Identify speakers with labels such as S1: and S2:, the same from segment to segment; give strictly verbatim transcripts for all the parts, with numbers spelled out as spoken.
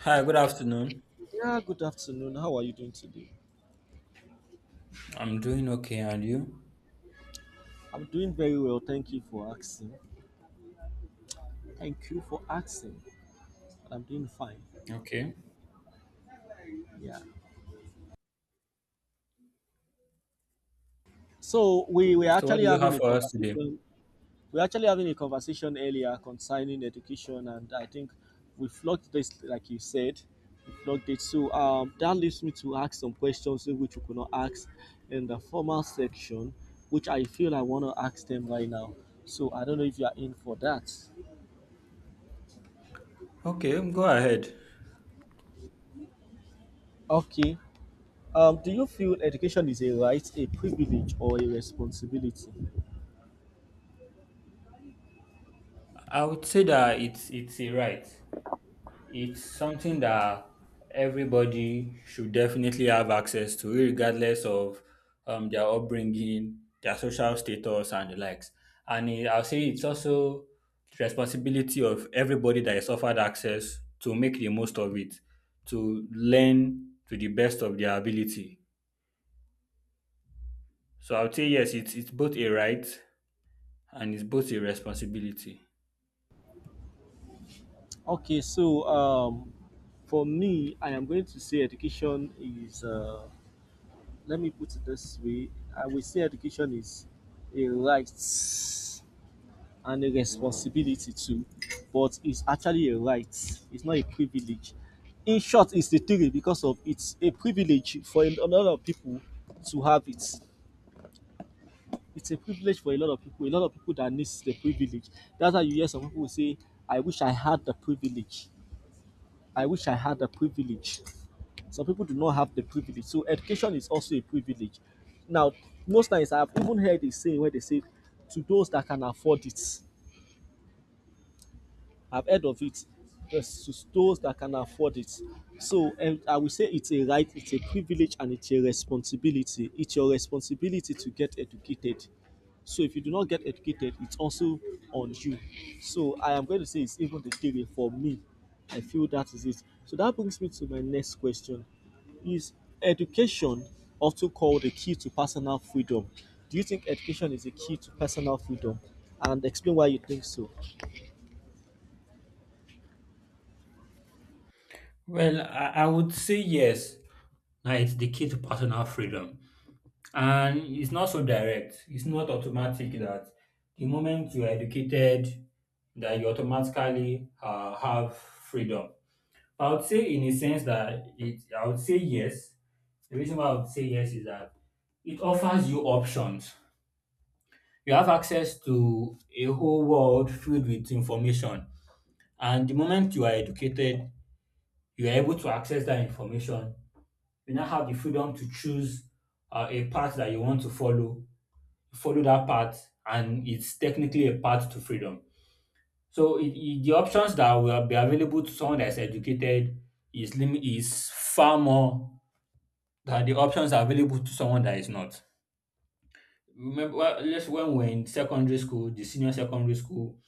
S1: Hi, good afternoon.
S2: Yeah, good afternoon. How are you doing today?
S1: I'm doing okay, and you?
S2: I'm doing very well. Thank you for asking. Thank you for asking. I'm doing fine.
S1: Okay.
S2: Yeah. So we were
S1: So what
S2: actually
S1: do you
S2: having
S1: have
S2: a
S1: for us today?
S2: conversation. We were actually having a conversation earlier concerning education, and I think we flogged this, like you said, we flogged it. So um, that leaves me to ask some questions which we could not ask in the formal section, which I feel I want to ask them right now. So I don't know if you are in for that.
S1: Okay, go ahead.
S2: Okay. Um, do you feel education is a right, a privilege, or a responsibility?
S1: I would say that it's it's a right. It's something that everybody should definitely have access to, regardless of um, their upbringing, their social status, and the likes. And it, I'll say it's also the responsibility of everybody that is offered access to make the most of it, to learn to the best of their ability. So I would say yes, it's it's both a right and it's both a responsibility.
S2: Okay, so um, for me, I am going to say education is, uh, let me put it this way. I will say education is a right and a responsibility too, but it's actually a right, it's not a privilege. In short, it's the theory because of it's a privilege for a lot of people to have it. It's a privilege for a lot of people. A lot of people that needs the privilege. That's why you hear some people say, "I wish I had the privilege. I wish I had the privilege." Some people do not have the privilege. So education is also a privilege. Now, most times I've even heard a saying where they say, "To those that can afford it." I've heard of it. There's those that can afford it. So um, I will say it's a right, it's a privilege, and it's a responsibility. It's your responsibility to get educated. So if you do not get educated, it's also on you. So I am going to say it's even the theory for me. I feel that is it. So that brings me to my next question. Is education also called the key to personal freedom? Do you think education is a key to personal freedom? And explain why you think so.
S1: Well, I, I would say yes. Now it's the key to personal freedom. And it's not so direct. It's not automatic that the moment you are educated, that you automatically uh, have freedom. I would say in a sense that it I would say yes. The reason why I would say yes is that it offers you options. You have access to a whole world filled with information. And the moment you are educated, you are able to access that information. You now have the freedom to choose uh, a path that you want to follow. Follow that path, and it's technically a path to freedom. So it, it- the options that will be available to someone that is educated is lim- is far more than the options available to someone that is not. Remember, well, just when we we're in secondary school, the senior secondary school,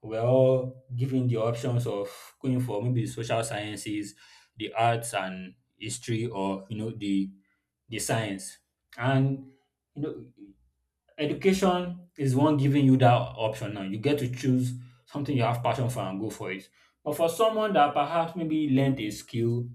S1: we we're all given the options of going for maybe social sciences, the arts and history, or you know the the science. And you know, education is one giving you that option now. You get to choose something you have passion for and go for it. But for someone that perhaps maybe learned a skill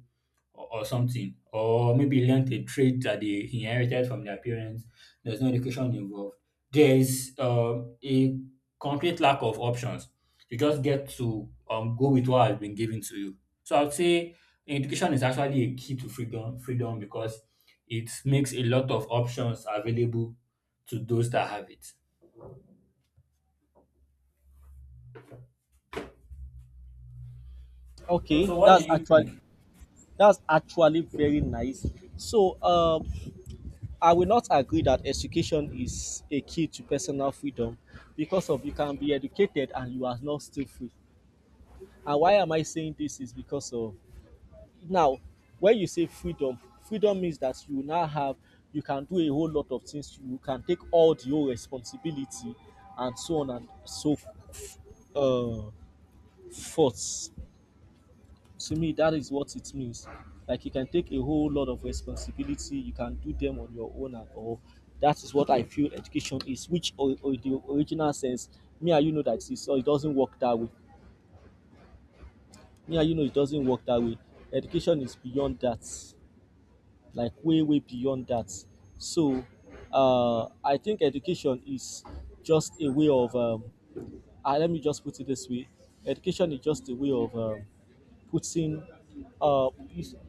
S1: or, or something, or maybe learned a trait that they inherited from their parents. There's no education involved. There's um, a complete lack of options. You just get to um, go with what has been given to you. So I would say education is actually a key to freedom, freedom because it makes a lot of options available to those that have it. So,
S2: Okay,
S1: so what do
S2: that's
S1: you
S2: actually
S1: think?
S2: that's actually very nice. So, um, I will not agree that education is a key to personal freedom because of you can be educated and you are not still free. And why am I saying this is because of, now, when you say freedom, freedom means that you now have, you can do a whole lot of things. You can take all the whole responsibility and so on and so uh, forth. To me that is what it means, like you can take a whole lot of responsibility, you can do them on your own and all. That is what I feel education is, which or, or the original sense, me and you know that it's, or it doesn't work that way. Me and you know it doesn't work that way. Education is beyond that, like way way beyond that. So uh I think education is just a way of, um uh, let me just put it this way, education is just a way of um putting, uh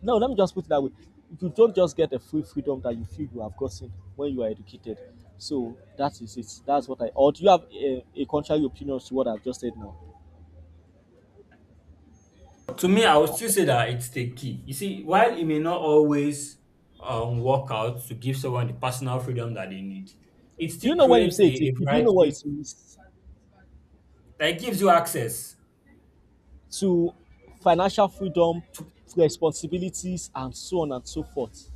S2: no, let me just put it that way. You don't just get the free freedom that you feel you have gotten when you are educated. So that is it, that's what I. Or do you have a, a contrary opinion to what I've just said now?
S1: To me, I would still say that it's the key. You see, while it may not always um, work out to give someone the personal freedom that they need, it
S2: Do
S1: still
S2: you know when you
S1: creates
S2: say
S1: a,
S2: it, do
S1: a
S2: you know what
S1: variety
S2: it means?
S1: that gives you access.
S2: To financial freedom, responsibilities and so on and so forth.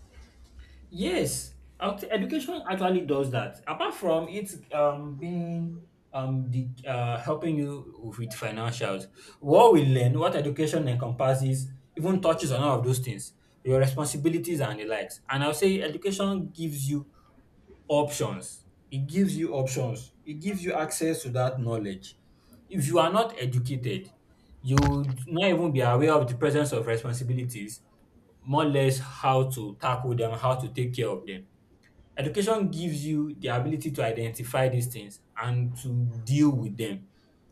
S1: Yes, out- education actually does that. Apart from it um, being, um, the, uh, helping you with financials, what we learn, what education encompasses, even touches on all of those things, your responsibilities and the likes. And I'll say education gives you options. It gives you options. It gives you access to that knowledge. If you are not educated, you would not even be aware of the presence of responsibilities, more or less how to tackle them, how to take care of them. Education gives you the ability to identify these things and to deal with them.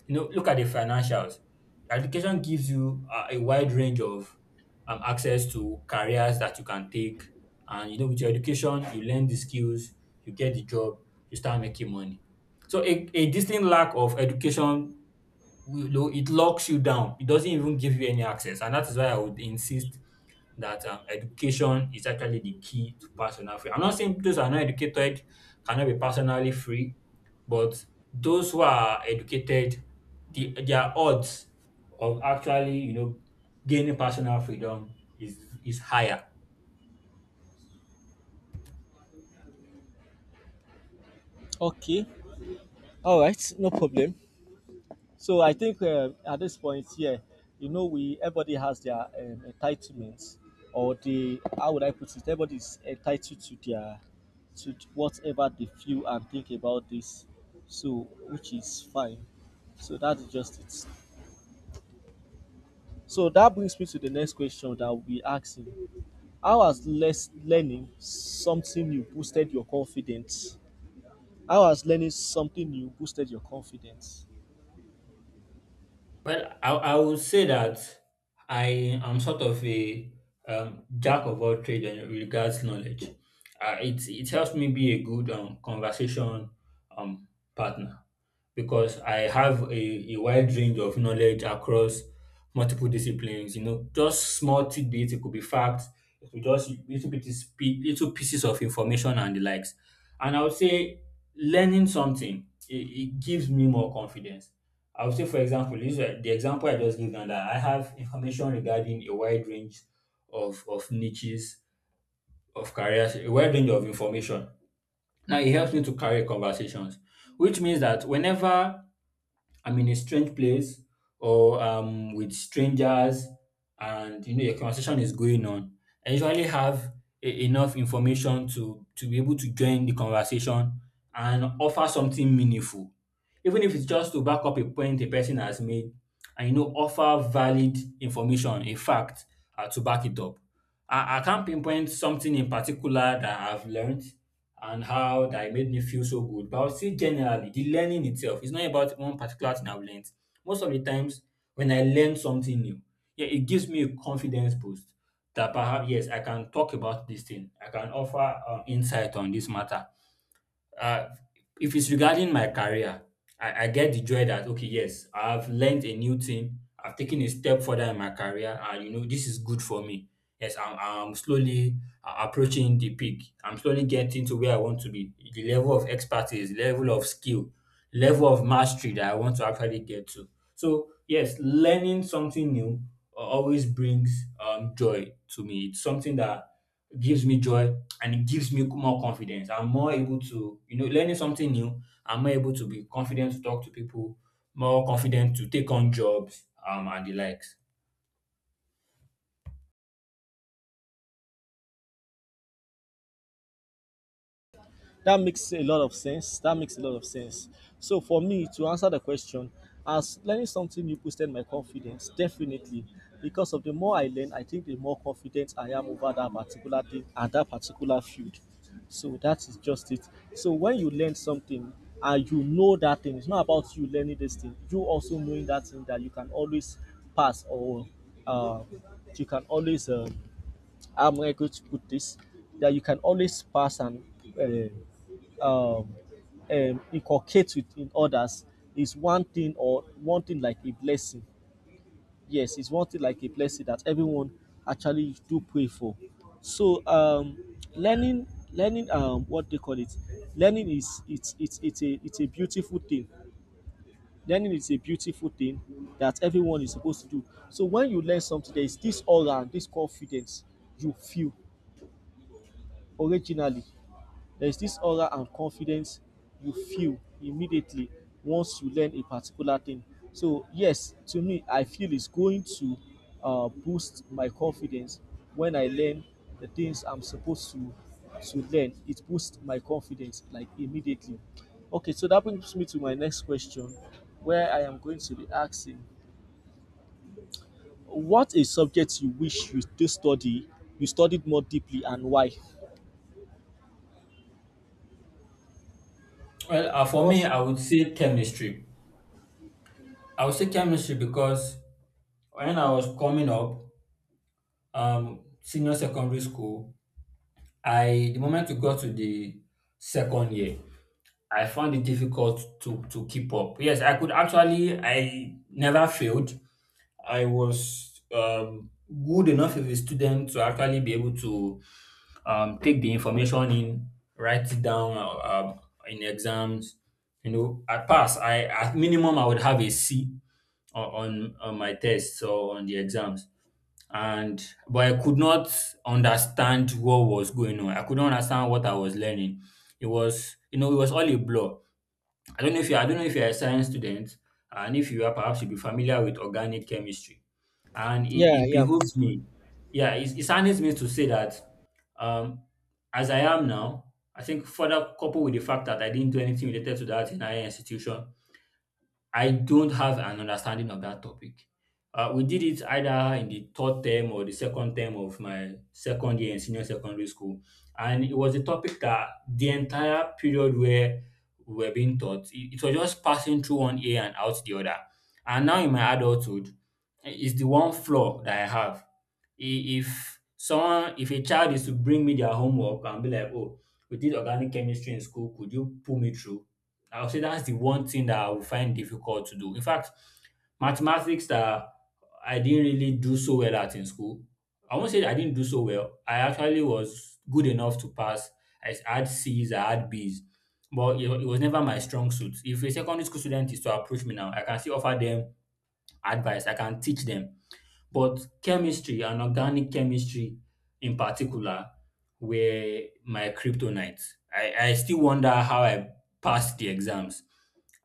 S1: You know, look at the financials. Education gives you uh, a wide range of um, access to careers that you can take. And, you know, with your education, you learn the skills, you get the job, you start making money. So a, a distinct lack of education will- it locks you down. It doesn't even give you any access. And that is why I would insist that um, education is actually the key to personal freedom. I'm not saying those who are not educated cannot be personally free, but those who are educated, the, their odds of actually, you know, gaining personal freedom is is higher.
S2: Okay. All right, no problem. So I think uh, at this point here, you know, we everybody has their um, entitlements, or the, how would I put it? Everybody is entitled to their, to whatever they feel and think about this, so which is fine. So that's just it. So that brings me to the next question that we'll be asking: How has less learning something new boosted your confidence? How has learning something new boosted your confidence?
S1: Well, I, I would say that I am sort of a um, jack of all trades in regards knowledge. Uh, it, it helps me be a good um, conversation um, partner. Because I have a, a wide range of knowledge across multiple disciplines. You know, just small tidbits. It could be facts. It could just little bit is little pieces of information and the likes. And I would say learning something, it, it gives me more confidence. I would say, for example, this, the example I just gave now, that I have information regarding a wide range of, of niches, of careers, a wide range of information. Now, it helps me to carry conversations, which means that whenever I'm in a strange place or um with strangers and you know your conversation is going on, I usually have e- enough information to to be able to join the conversation and offer something meaningful. Even if it's just to back up a point a person has made, and you know, offer valid information, a fact uh, to back it up. I, I can't pinpoint something in particular that I've learned and how that it made me feel so good. But I would say generally, the learning itself is not about one particular thing I've learned. Most of the times when I learn something new, yeah, it gives me a confidence boost that perhaps yes, I can talk about this thing. I can offer um, insight on this matter. Uh, if it's regarding my career, I, I get the joy that, okay, yes, I've learned a new thing. I've taken a step further in my career, and you know this is good for me. Yes, I'm, I'm slowly uh, approaching the peak. I'm slowly getting to where I want to be. The level of expertise, level of skill, level of mastery that I want to actually get to. So yes, learning something new uh, always brings um, joy to me. It's something that gives me joy and it gives me more confidence. I'm more able to, you know, learning something new. I'm more able to be confident to talk to people, more confident to take on jobs, um, and the likes.
S2: That makes a lot of sense. That makes a lot of sense. So for me to answer the question, as learning something new boosted my confidence, definitely. Because of, the more I learn, I think the more confident I am over that particular thing and that particular field. So that is just it. So when you learn something and you know that thing, it's not about you learning this thing. You also knowing that thing that you can always pass or, uh, you can always. Uh, I'm going to put this that you can always pass and, uh, um, um, inculcate within others is one thing or one thing like a blessing. Yes, it's one thing like a blessing that everyone actually do pray for. So um, learning, learning, um, what they call it, learning is it's it's it's a it's a beautiful thing. Learning is a beautiful thing that everyone is supposed to do. So when you learn something, there is this aura and this confidence you feel originally. There's this aura and confidence you feel immediately once you learn a particular thing. So, yes, to me, I feel it's going to uh, boost my confidence when I learn the things I'm supposed to to learn. It boosts my confidence like immediately. Okay, so that brings me to my next question, where I am going to be asking, what a subject you wish you still study, you studied more deeply, and why?
S1: Well, uh, for me,
S2: What's.
S1: I would say chemistry. I would say chemistry because when I was coming up, um, senior secondary school, I the moment we got to the second year, I found it difficult to to keep up. Yes, I could actually, I never failed, I was um, good enough of a student to actually be able to um, take the information in, write it down uh, um, in exams. You know, I pass. I At minimum I would have a C o- on on my tests or on the exams. And but I could not understand what was going on. I could not understand what I was learning. It was, you know, it was all a blur. I don't know if you I don't know if you're a science student, and if you are, perhaps you'll be familiar with organic chemistry. And it,
S2: Yeah,
S1: it
S2: yeah.
S1: behooves me. Yeah, it, it sounds me to say that, um, as I am now, I think further, coupled with the fact that I didn't do anything related to that in higher institution, I don't have an understanding of that topic. Uh, we did it either in the third term or the second term of my second year in senior secondary school. And it was a topic that the entire period where we were being taught, it, it was just passing through one ear and out the other. And now in my adulthood, eh, it's the one flaw that I have. I- If someone, if a child is to bring me their homework and be like, oh, we did organic chemistry in school, could you pull me through? I would say that's the one thing that I would find difficult to do. In fact, mathematics, that I didn't really do so well at in school. I won't say that I didn't do so well. I actually was good enough to pass. I had C's, I had B's, but it, wa- it was never my strong suit. If a secondary school student is to approach me now, I can still offer them advice. I can teach them. But chemistry and organic chemistry in particular were my kryptonite. I, I still wonder how I passed the exams.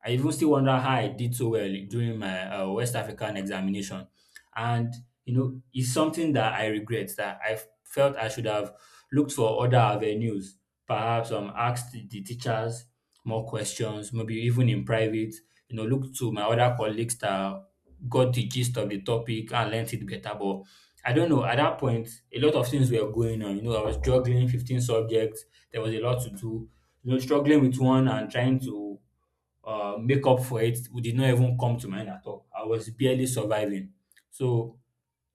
S1: I even still wonder how I did so well during my uh, West African examination. And, you know, it's something that I regret, that I felt I should have looked for other avenues, perhaps um, asked the teachers more questions, maybe even in private, you know, look to my other colleagues that got the gist of the topic and learnt it better. But I don't know, at that point, a lot of things were going on. You know, I was juggling fifteen subjects, there was a lot to do, you know, struggling with one and trying to uh, make up for it we did not even come to mind at all. I was barely surviving. So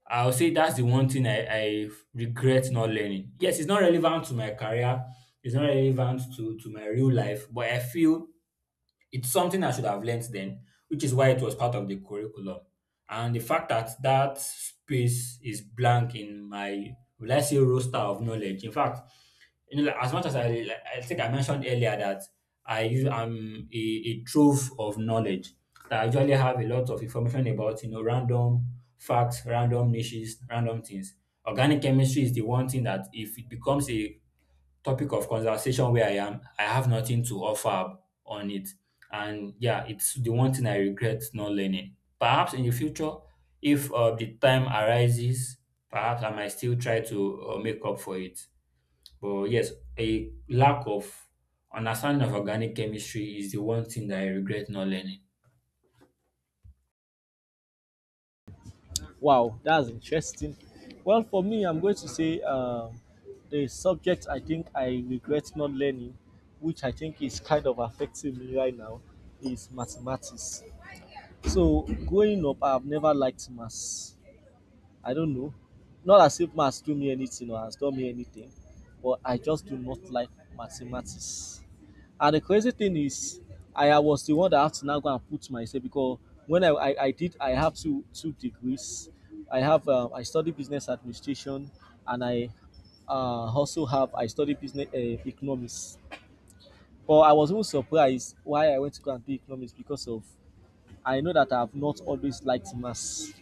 S1: I'll say that's the one thing I, I regret not learning. Yes, it's not relevant to my career, it's not relevant to, to my real life, but I feel it's something I should have learnt then, which is why it was part of the curriculum. And the fact that that space is blank in my, will I say, roster of knowledge. In fact, you know, like, as much as I, like, I think I mentioned earlier that I use, I'm a, a trove of knowledge. That I usually have a lot of information about, you know, random facts, random niches, random things. Organic chemistry is the one thing that if it becomes a topic of conversation where I am, I have nothing to offer on it. And yeah, it's the one thing I regret not learning. Perhaps in the future, if uh, the time arises, perhaps I might still try to uh, make up for it. But yes, a lack of understanding of organic chemistry is the one thing that I regret not learning.
S2: Wow, that's interesting. Well, for me, I'm going to say um, the subject I think I regret not learning, which I think is kind of affecting me right now, is mathematics. So, growing up, I've never liked maths. I don't know. Not as if maths do me anything or has done me anything, but I just do not like mathematics. And the crazy thing is, I uh, was the one that had to now go and put myself because when I, I, I did, I have two two degrees. I have um, I study business administration, and I uh, also have I study business uh, economics. But I was even surprised why I went to go and do economics because of I know that I have not always liked maths.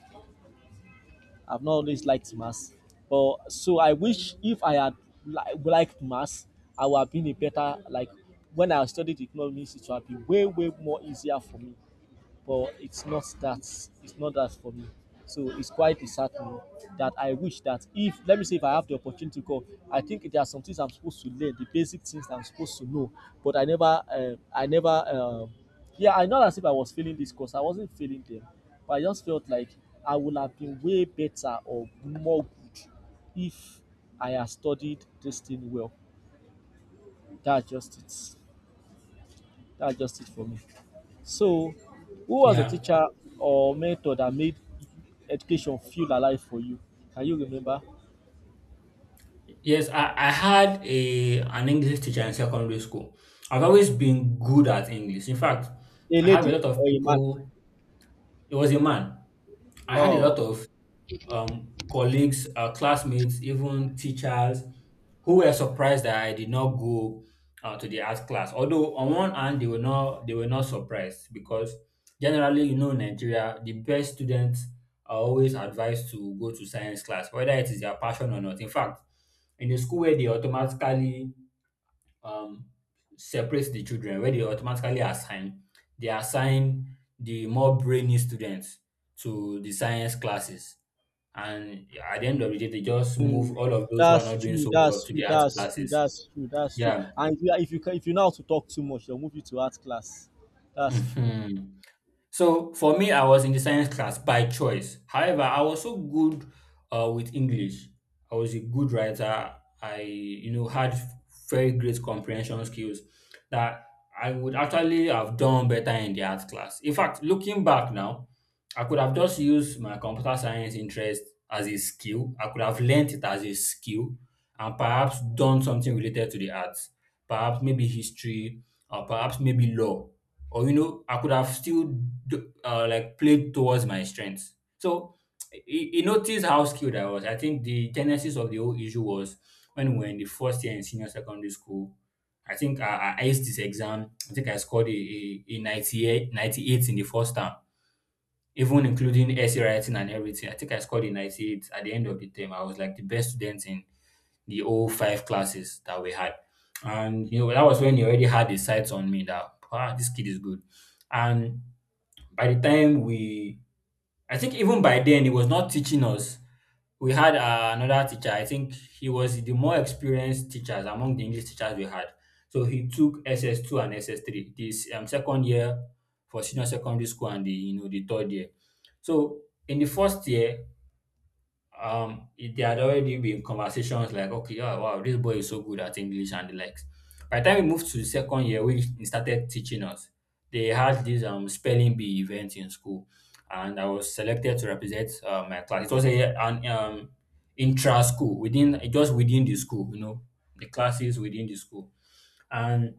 S2: I've not always liked maths. But so I wish if I had li- liked maths, I would have been a better, like when I studied economics, it would have been way way more easier for me. But it's not that, it's not that for me. So it's quite disheartening that I wish that if, let me say if I have the opportunity to go, I think there are some things I'm supposed to learn, the basic things that I'm supposed to know, but I never, uh, I never, um yeah, I, not as if I was failing this course. I wasn't failing them, but I just felt like I would have been way better or more good if I had studied this thing well. That's just it. That's just it for me. So, who was a
S1: Yeah.
S2: teacher or mentor that made education feel alive for you? Can you remember?
S1: Yes, I, I had a an English teacher in secondary school. I've always been good at English. In fact,
S2: A
S1: I have a
S2: lady
S1: lot of
S2: or a man?
S1: people. It was a man. I had a
S2: Oh,
S1: lot
S2: okay.
S1: of um, colleagues, uh, classmates, even teachers who were surprised that I did not go uh, to the art class. Although on one hand they were not they were not surprised because generally, you know, in Nigeria the best students are always advised to go to science class whether it is their passion or not. In fact, in the school where they automatically um, separates the children, where they automatically assign they assign the more brainy students to the science classes, and at the end of the day they just move all of those who are
S2: That's
S1: not doing
S2: true.
S1: so well
S2: That's
S1: to
S2: true.
S1: the arts
S2: That's true.
S1: classes.
S2: That's true. That's true.
S1: Yeah.
S2: And if you if you can, if you know how to talk too much, they'll move you to art class. That's true.
S1: Hmm. So for me, I was in the science class by choice. However, I was so good uh, with English. I was a good writer. I, you know, had very great comprehension skills that I would actually have done better in the art class. In fact, looking back now, I could have just used my computer science interest as a skill. I could have learnt it as a skill and perhaps done something related to the arts. Perhaps maybe history, or perhaps maybe law, or you know I could have still do- uh, like played towards my strengths. So he, he noticed how skilled I was. I think the genesis of the whole issue was when we were in the first year in senior secondary school. I think i, I aced this exam. I think I scored a, a, a ninety-eight, ninety-eight in the first term, even including essay writing and everything. I think I scored a ninety-eight at the end of the term. I was like the best student in the old five classes that we had. And you know, that was when he already had his sights on me, that ah, this kid is good. And by the time we— I think even by then he was not teaching us. We had uh, another teacher. I think he was the more experienced teachers among the English teachers we had. So he took S S two and S S three, this um, second year for senior secondary school, and the you know the third year. So in the first year, um it- they had already been conversations like, okay, yeah, wow, this boy is so good at English and the likes. By the time we moved to the second year when he started teaching us, they had this um spelling bee event in school, and I was selected to represent uh, my class. It was a an um intra school within just within the school, you know, the classes within the school. And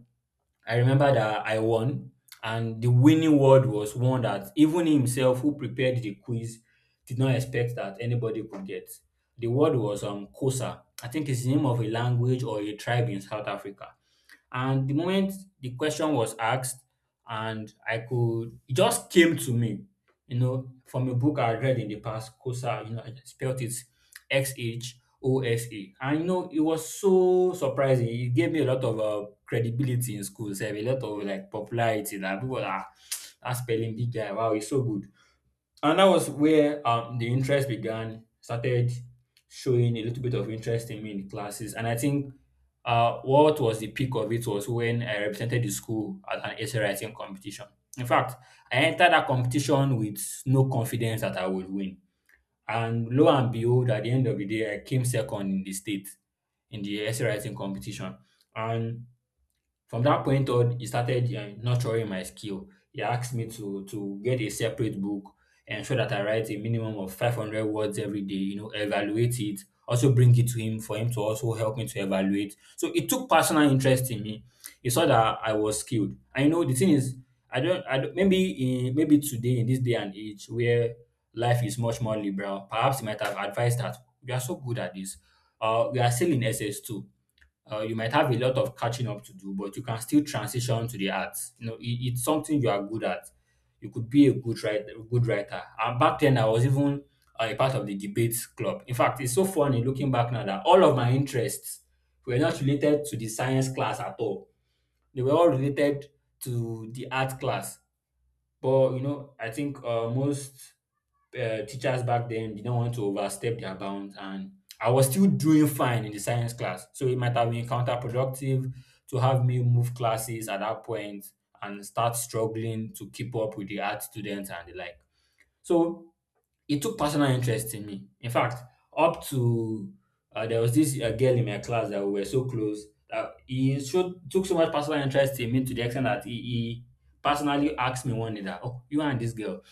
S1: I remember that I won, and the winning word was one that even himself, who prepared the quiz, did not expect that anybody could get. The word was um Kosa. I think it's the name of a language or a tribe in South Africa. And the moment the question was asked, and I could, it just came to me, you know, from a book I read in the past, C O S A, you know, I spelled it X H O S A. And, you know, it was so surprising. It gave me a lot of uh, credibility in school, so a lot of like popularity, that people are, are spelling big guy. Wow, it's so good. And that was where um, the interest began, started showing a little bit of interest in me in the classes. And I think uh, what was the peak of it was when I represented the school at an essay writing competition. In fact, I entered that competition with no confidence that I would win. And lo and behold, at the end of the day, I came second in the state in the essay writing competition. And from that point on, he started um, nurturing my skill. He asked me to to get a separate book, ensure that I write a minimum of five hundred words every day, you know, evaluate it, also bring it to him for him to also help me to evaluate. So it took personal interest in me. He saw that I was skilled. I know the thing is, I don't, I don't maybe in, maybe today in this day and age where life is much more liberal, perhaps he might have advised that we are so good at this. Uh, we are still in S S two. Uh, you might have a lot of catching up to do, but you can still transition to the arts. You know, it, it's something you are good at. You could be a good writer. Good writer. And back then, I was even uh, a part of the debate club. In fact, it's so funny looking back now that all of my interests were not related to the science class at all. They were all related to the art class. But you know, I think uh, most uh, teachers back then didn't want to overstep their bounds, and I was still doing fine in the science class, so it might have been counterproductive to have me move classes at that point and start struggling to keep up with the art students and the like. So he took personal interest in me. In fact, up to uh, there was this uh, girl in my class that we were so close, that he showed, took so much personal interest in me to the extent that he, he personally asked me one day that, "Oh, you and this girl,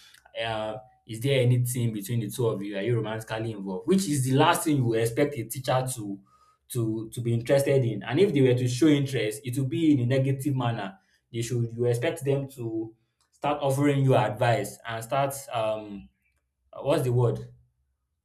S1: uh, is there anything between the two of you? Are you romantically involved?" Which is the last thing you would expect a teacher to to to be interested in. And if they were to show interest, it would be in a negative manner. They should— you expect them to start offering you advice and start um uh, what's the word,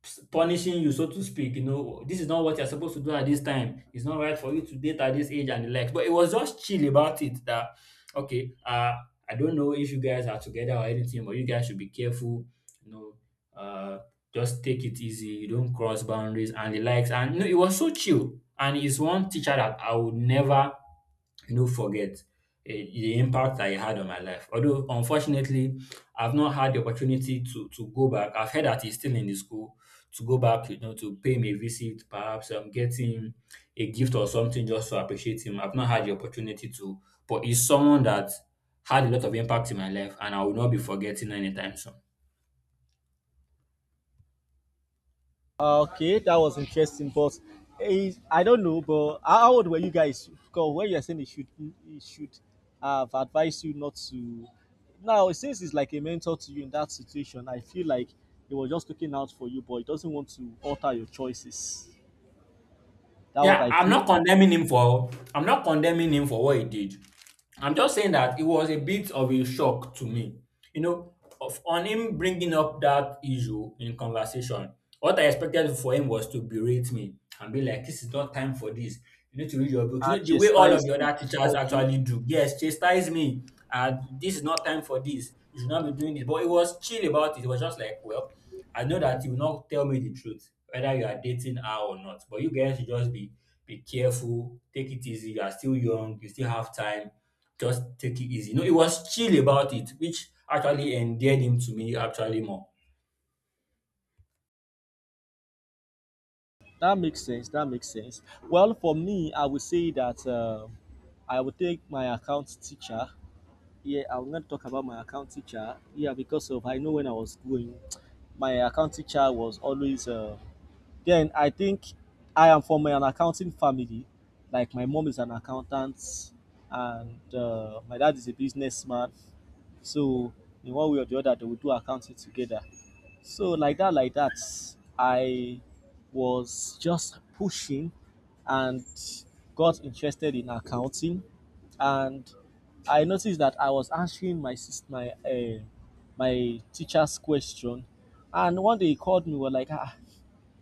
S1: Ps- punishing you, so to speak. You know, this is not what you're supposed to do at this time, it's not right for you to date at this age and the likes. But it was just chill about it, that okay, uh I don't know if you guys are together or anything, but you guys should be careful, you know. uh just take it easy, you don't cross boundaries and the likes. And no, it was so chill, and it's one teacher that I would never no forget eh, the impact that it had on my life. Although unfortunately, I've not had the opportunity to to go back. I've heard that he's still in the school. To go back, you know, to pay him a visit, perhaps um, get him a gift or something, just to appreciate him. I've not had the opportunity to, but he's someone that had a lot of impact in my life, and I will not be forgetting anytime soon.
S2: Uh, Okay, that was interesting, but is I don't know, but how how old were you guys? Because when you're saying it should it should have advised you not to, now since it's like a mentor to you in that situation, I feel like it was just looking out for you, but it doesn't want to alter your choices. That's what
S1: Yeah,
S2: I
S1: I'm
S2: feel,
S1: not
S2: yeah.
S1: condemning him for I'm not condemning him for what he did. I'm just saying that it was a bit of a shock to me, you know, of on him bringing up that issue in conversation. What I expected for him was to berate me and be like, "This is not time for this. You need to read your books." You
S2: And
S1: know, the way all of
S2: chastise
S1: the
S2: you.
S1: other teachers
S2: Okay.
S1: actually do. Yes, chastise me. Uh, this is not time for this. You should not be doing this. But it was chill about it. It was just like, well, I know that you will not tell me the truth, whether you are dating her or not. But you guys should just be be careful, take it easy. You are still young. You still have time, just take it easy. No, it was chill about it, which actually endeared him to me actually more.
S2: That makes sense. That makes sense. Well for me I would say that uh, I would take my account teacher, yeah, I'm going to talk about my account teacher. Yeah, because of I know when I was going, my account teacher was always. Uh, then I think I am from an accounting family. Like my mom is an accountant, and uh, my dad is a businessman. So in one way or the other, they will do accounting together. So like that, like that, I was just pushing and got interested in accounting, and I noticed that I was answering my sis- my uh, my teacher's question, and one day he called me. We We're like, ah,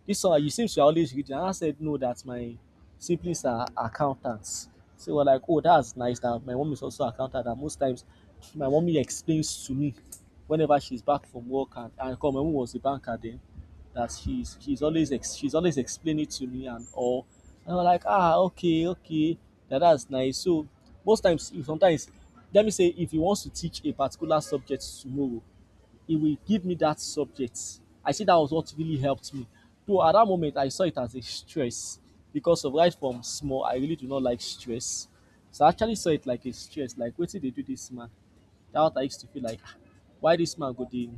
S2: this one, you seems to are always reading. And I said, no, that my siblings are accountants. So we're like, oh, that's nice, that my mom is also an accountant. And most times, my mommy explains to me whenever she's back from work, and, and 'cause my mom was a banker then, that she's she's always ex, she's always explaining it to me and all, and I'm like, ah, okay, okay, that that's nice. So most times, if sometimes, let me say if you want to teach a particular subject tomorrow, he will give me that subject. I see that was what really helped me. Though at that moment I saw it as a stress because of right from small, I really do not like stress. So I actually saw it like a stress, like what did they do this man? That what I used to feel like, "Ah, why this man go dey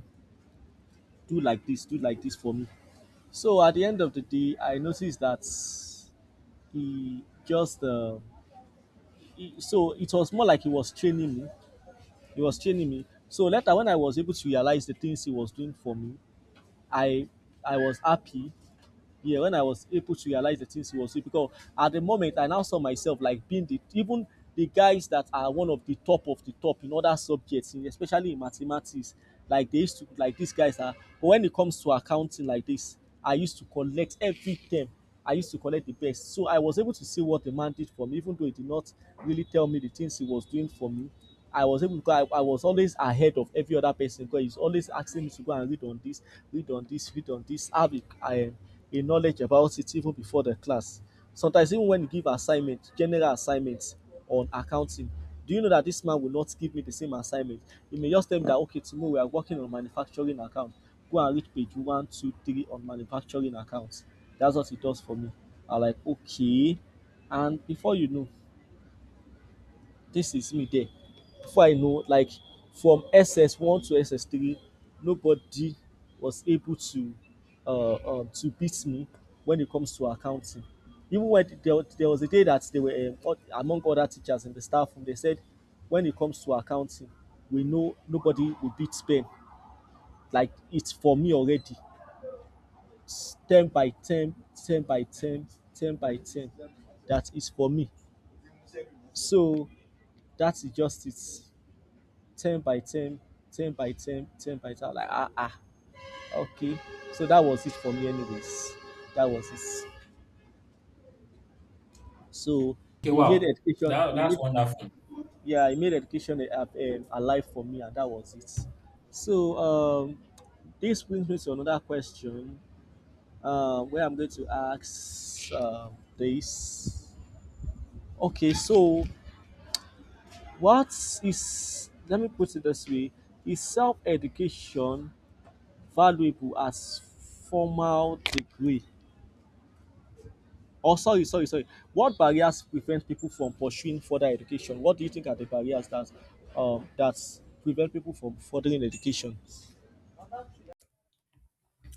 S2: do like this, do like this for me." So at the end of the day, I noticed that he just uh, he, so it was more like he was training me. He was training me. So later when I was able to realize the things he was doing for me, I I was happy, yeah, when I was able to realize the things he was doing, because at the moment I now saw myself like being the even the guys that are one of the top of the top in other subjects, especially in mathematics. Like, they used to, like, these guys are, but when it comes to accounting like this, I used to collect every term. I used to collect the best. So I was able to see what the man did for me, even though he did not really tell me the things he was doing for me. I was able to, I, I was always ahead of every other person, because he's always asking me to go and read on this, read on this, read on this, have a, um, a knowledge about it even before the class. Sometimes even when you give assignment, general assignment on accounting, do you know that this man will not give me the same assignment? He may just tell me that, okay, tomorrow we are working on manufacturing account. Go and read page one, two, three on manufacturing accounts. That's what he does for me. I'm like, okay. And before you know, this is me there. Before I know, like from S S one to S S three, nobody was able to uh, um, to beat me when it comes to accounting. Even when there, there was a day that they were um, among other teachers in the staff room, they said, when it comes to accounting, we know nobody will beat Spain. Like, it's for me already. It's ten by ten, ten by ten, ten by ten. That is for me. So that is just it. ten by ten, ten by ten, ten by ten. I'm like, ah, ah, okay. So that was it for me, anyways. That was it. So
S1: Okay,
S2: he made
S1: wow,
S2: education,
S1: that,
S2: he
S1: that's
S2: made,
S1: wonderful.
S2: yeah, he made education a, a, a life for me, and that was it. So um, this brings me to another question uh, where I'm going to ask um, this. Okay, so what is, let me put it this way, is self education valuable as formal degree? Or sorry, sorry, sorry, what barriers prevent people from pursuing further education? What do you think are the barriers that um that prevent people from furthering education?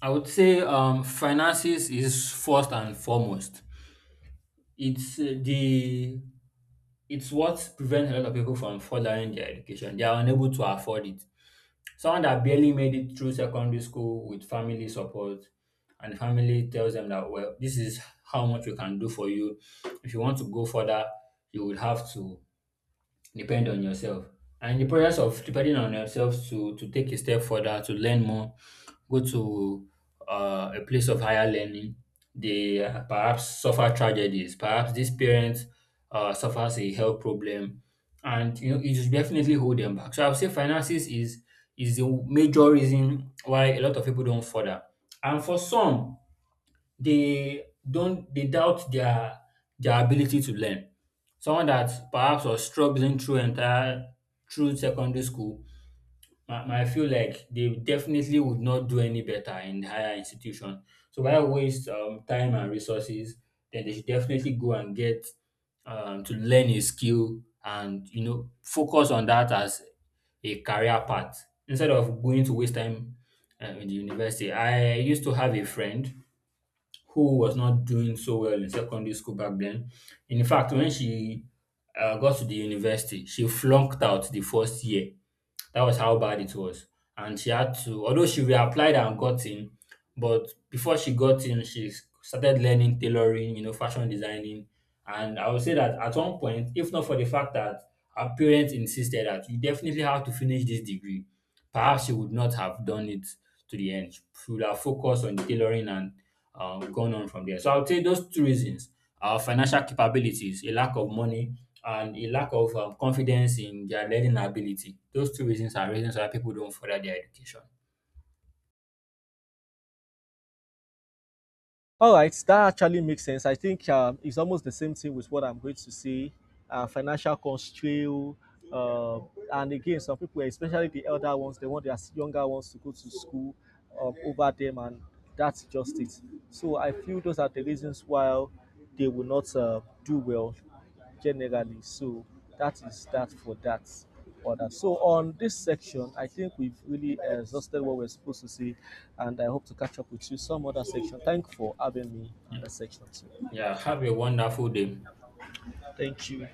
S1: I would say um, finances is first and foremost. It's uh, the it's what prevents a lot of people from following their education. They are unable to afford it. Someone that barely made it through secondary school with family support, and the family tells them that, well, this is how much we can do for you. If you want to go further, you would have to depend on yourself. And the process of depending on yourself to to take a step further, to learn more, go to uh, a place of higher learning, they uh, perhaps suffer tragedies. Perhaps this parent uh, suffers a health problem, and you know it should definitely hold them back. So I would say finances is is the major reason why a lot of people don't further. And for some, they don't they doubt their their ability to learn. Someone that perhaps was struggling through entire through secondary school might, might feel like they definitely would not do any better in the higher institution. So why waste um, time and resources? Then they should definitely go and get um, to learn a skill and you know focus on that as a career path instead of going to waste time uh, in the university. I used to have a friend who was not doing so well in secondary school back then. In fact, when she uh, got to the university, she flunked out the first year. That was how bad it was. And she had to, although she reapplied and got in, but before she got in, she s- started learning tailoring, you know, fashion designing. And I would say that at one point, if not for the fact that her parents insisted that you definitely have to finish this degree, perhaps she would not have done it to the end. She would have focused on tailoring and um, gone on from there. So I would say those two reasons our financial capabilities, a lack of money, and a lack of um, confidence in their learning ability. Those two reasons are reasons why people don't further their education.
S2: All right, that actually makes sense. I think um, it's almost the same thing with what I'm going to say. Uh, financial constraint, uh, and again, some people, especially the elder ones, they want their younger ones to go to school um, over them, and that's just it. So I feel those are the reasons why they will not uh, do well generally. So that is that for that order. So on this section, I think we've really exhausted what we're supposed to see, and I hope to catch up with you some other section. Thank you for having me on that section too.
S1: Yeah, have a wonderful day.
S2: Thank you.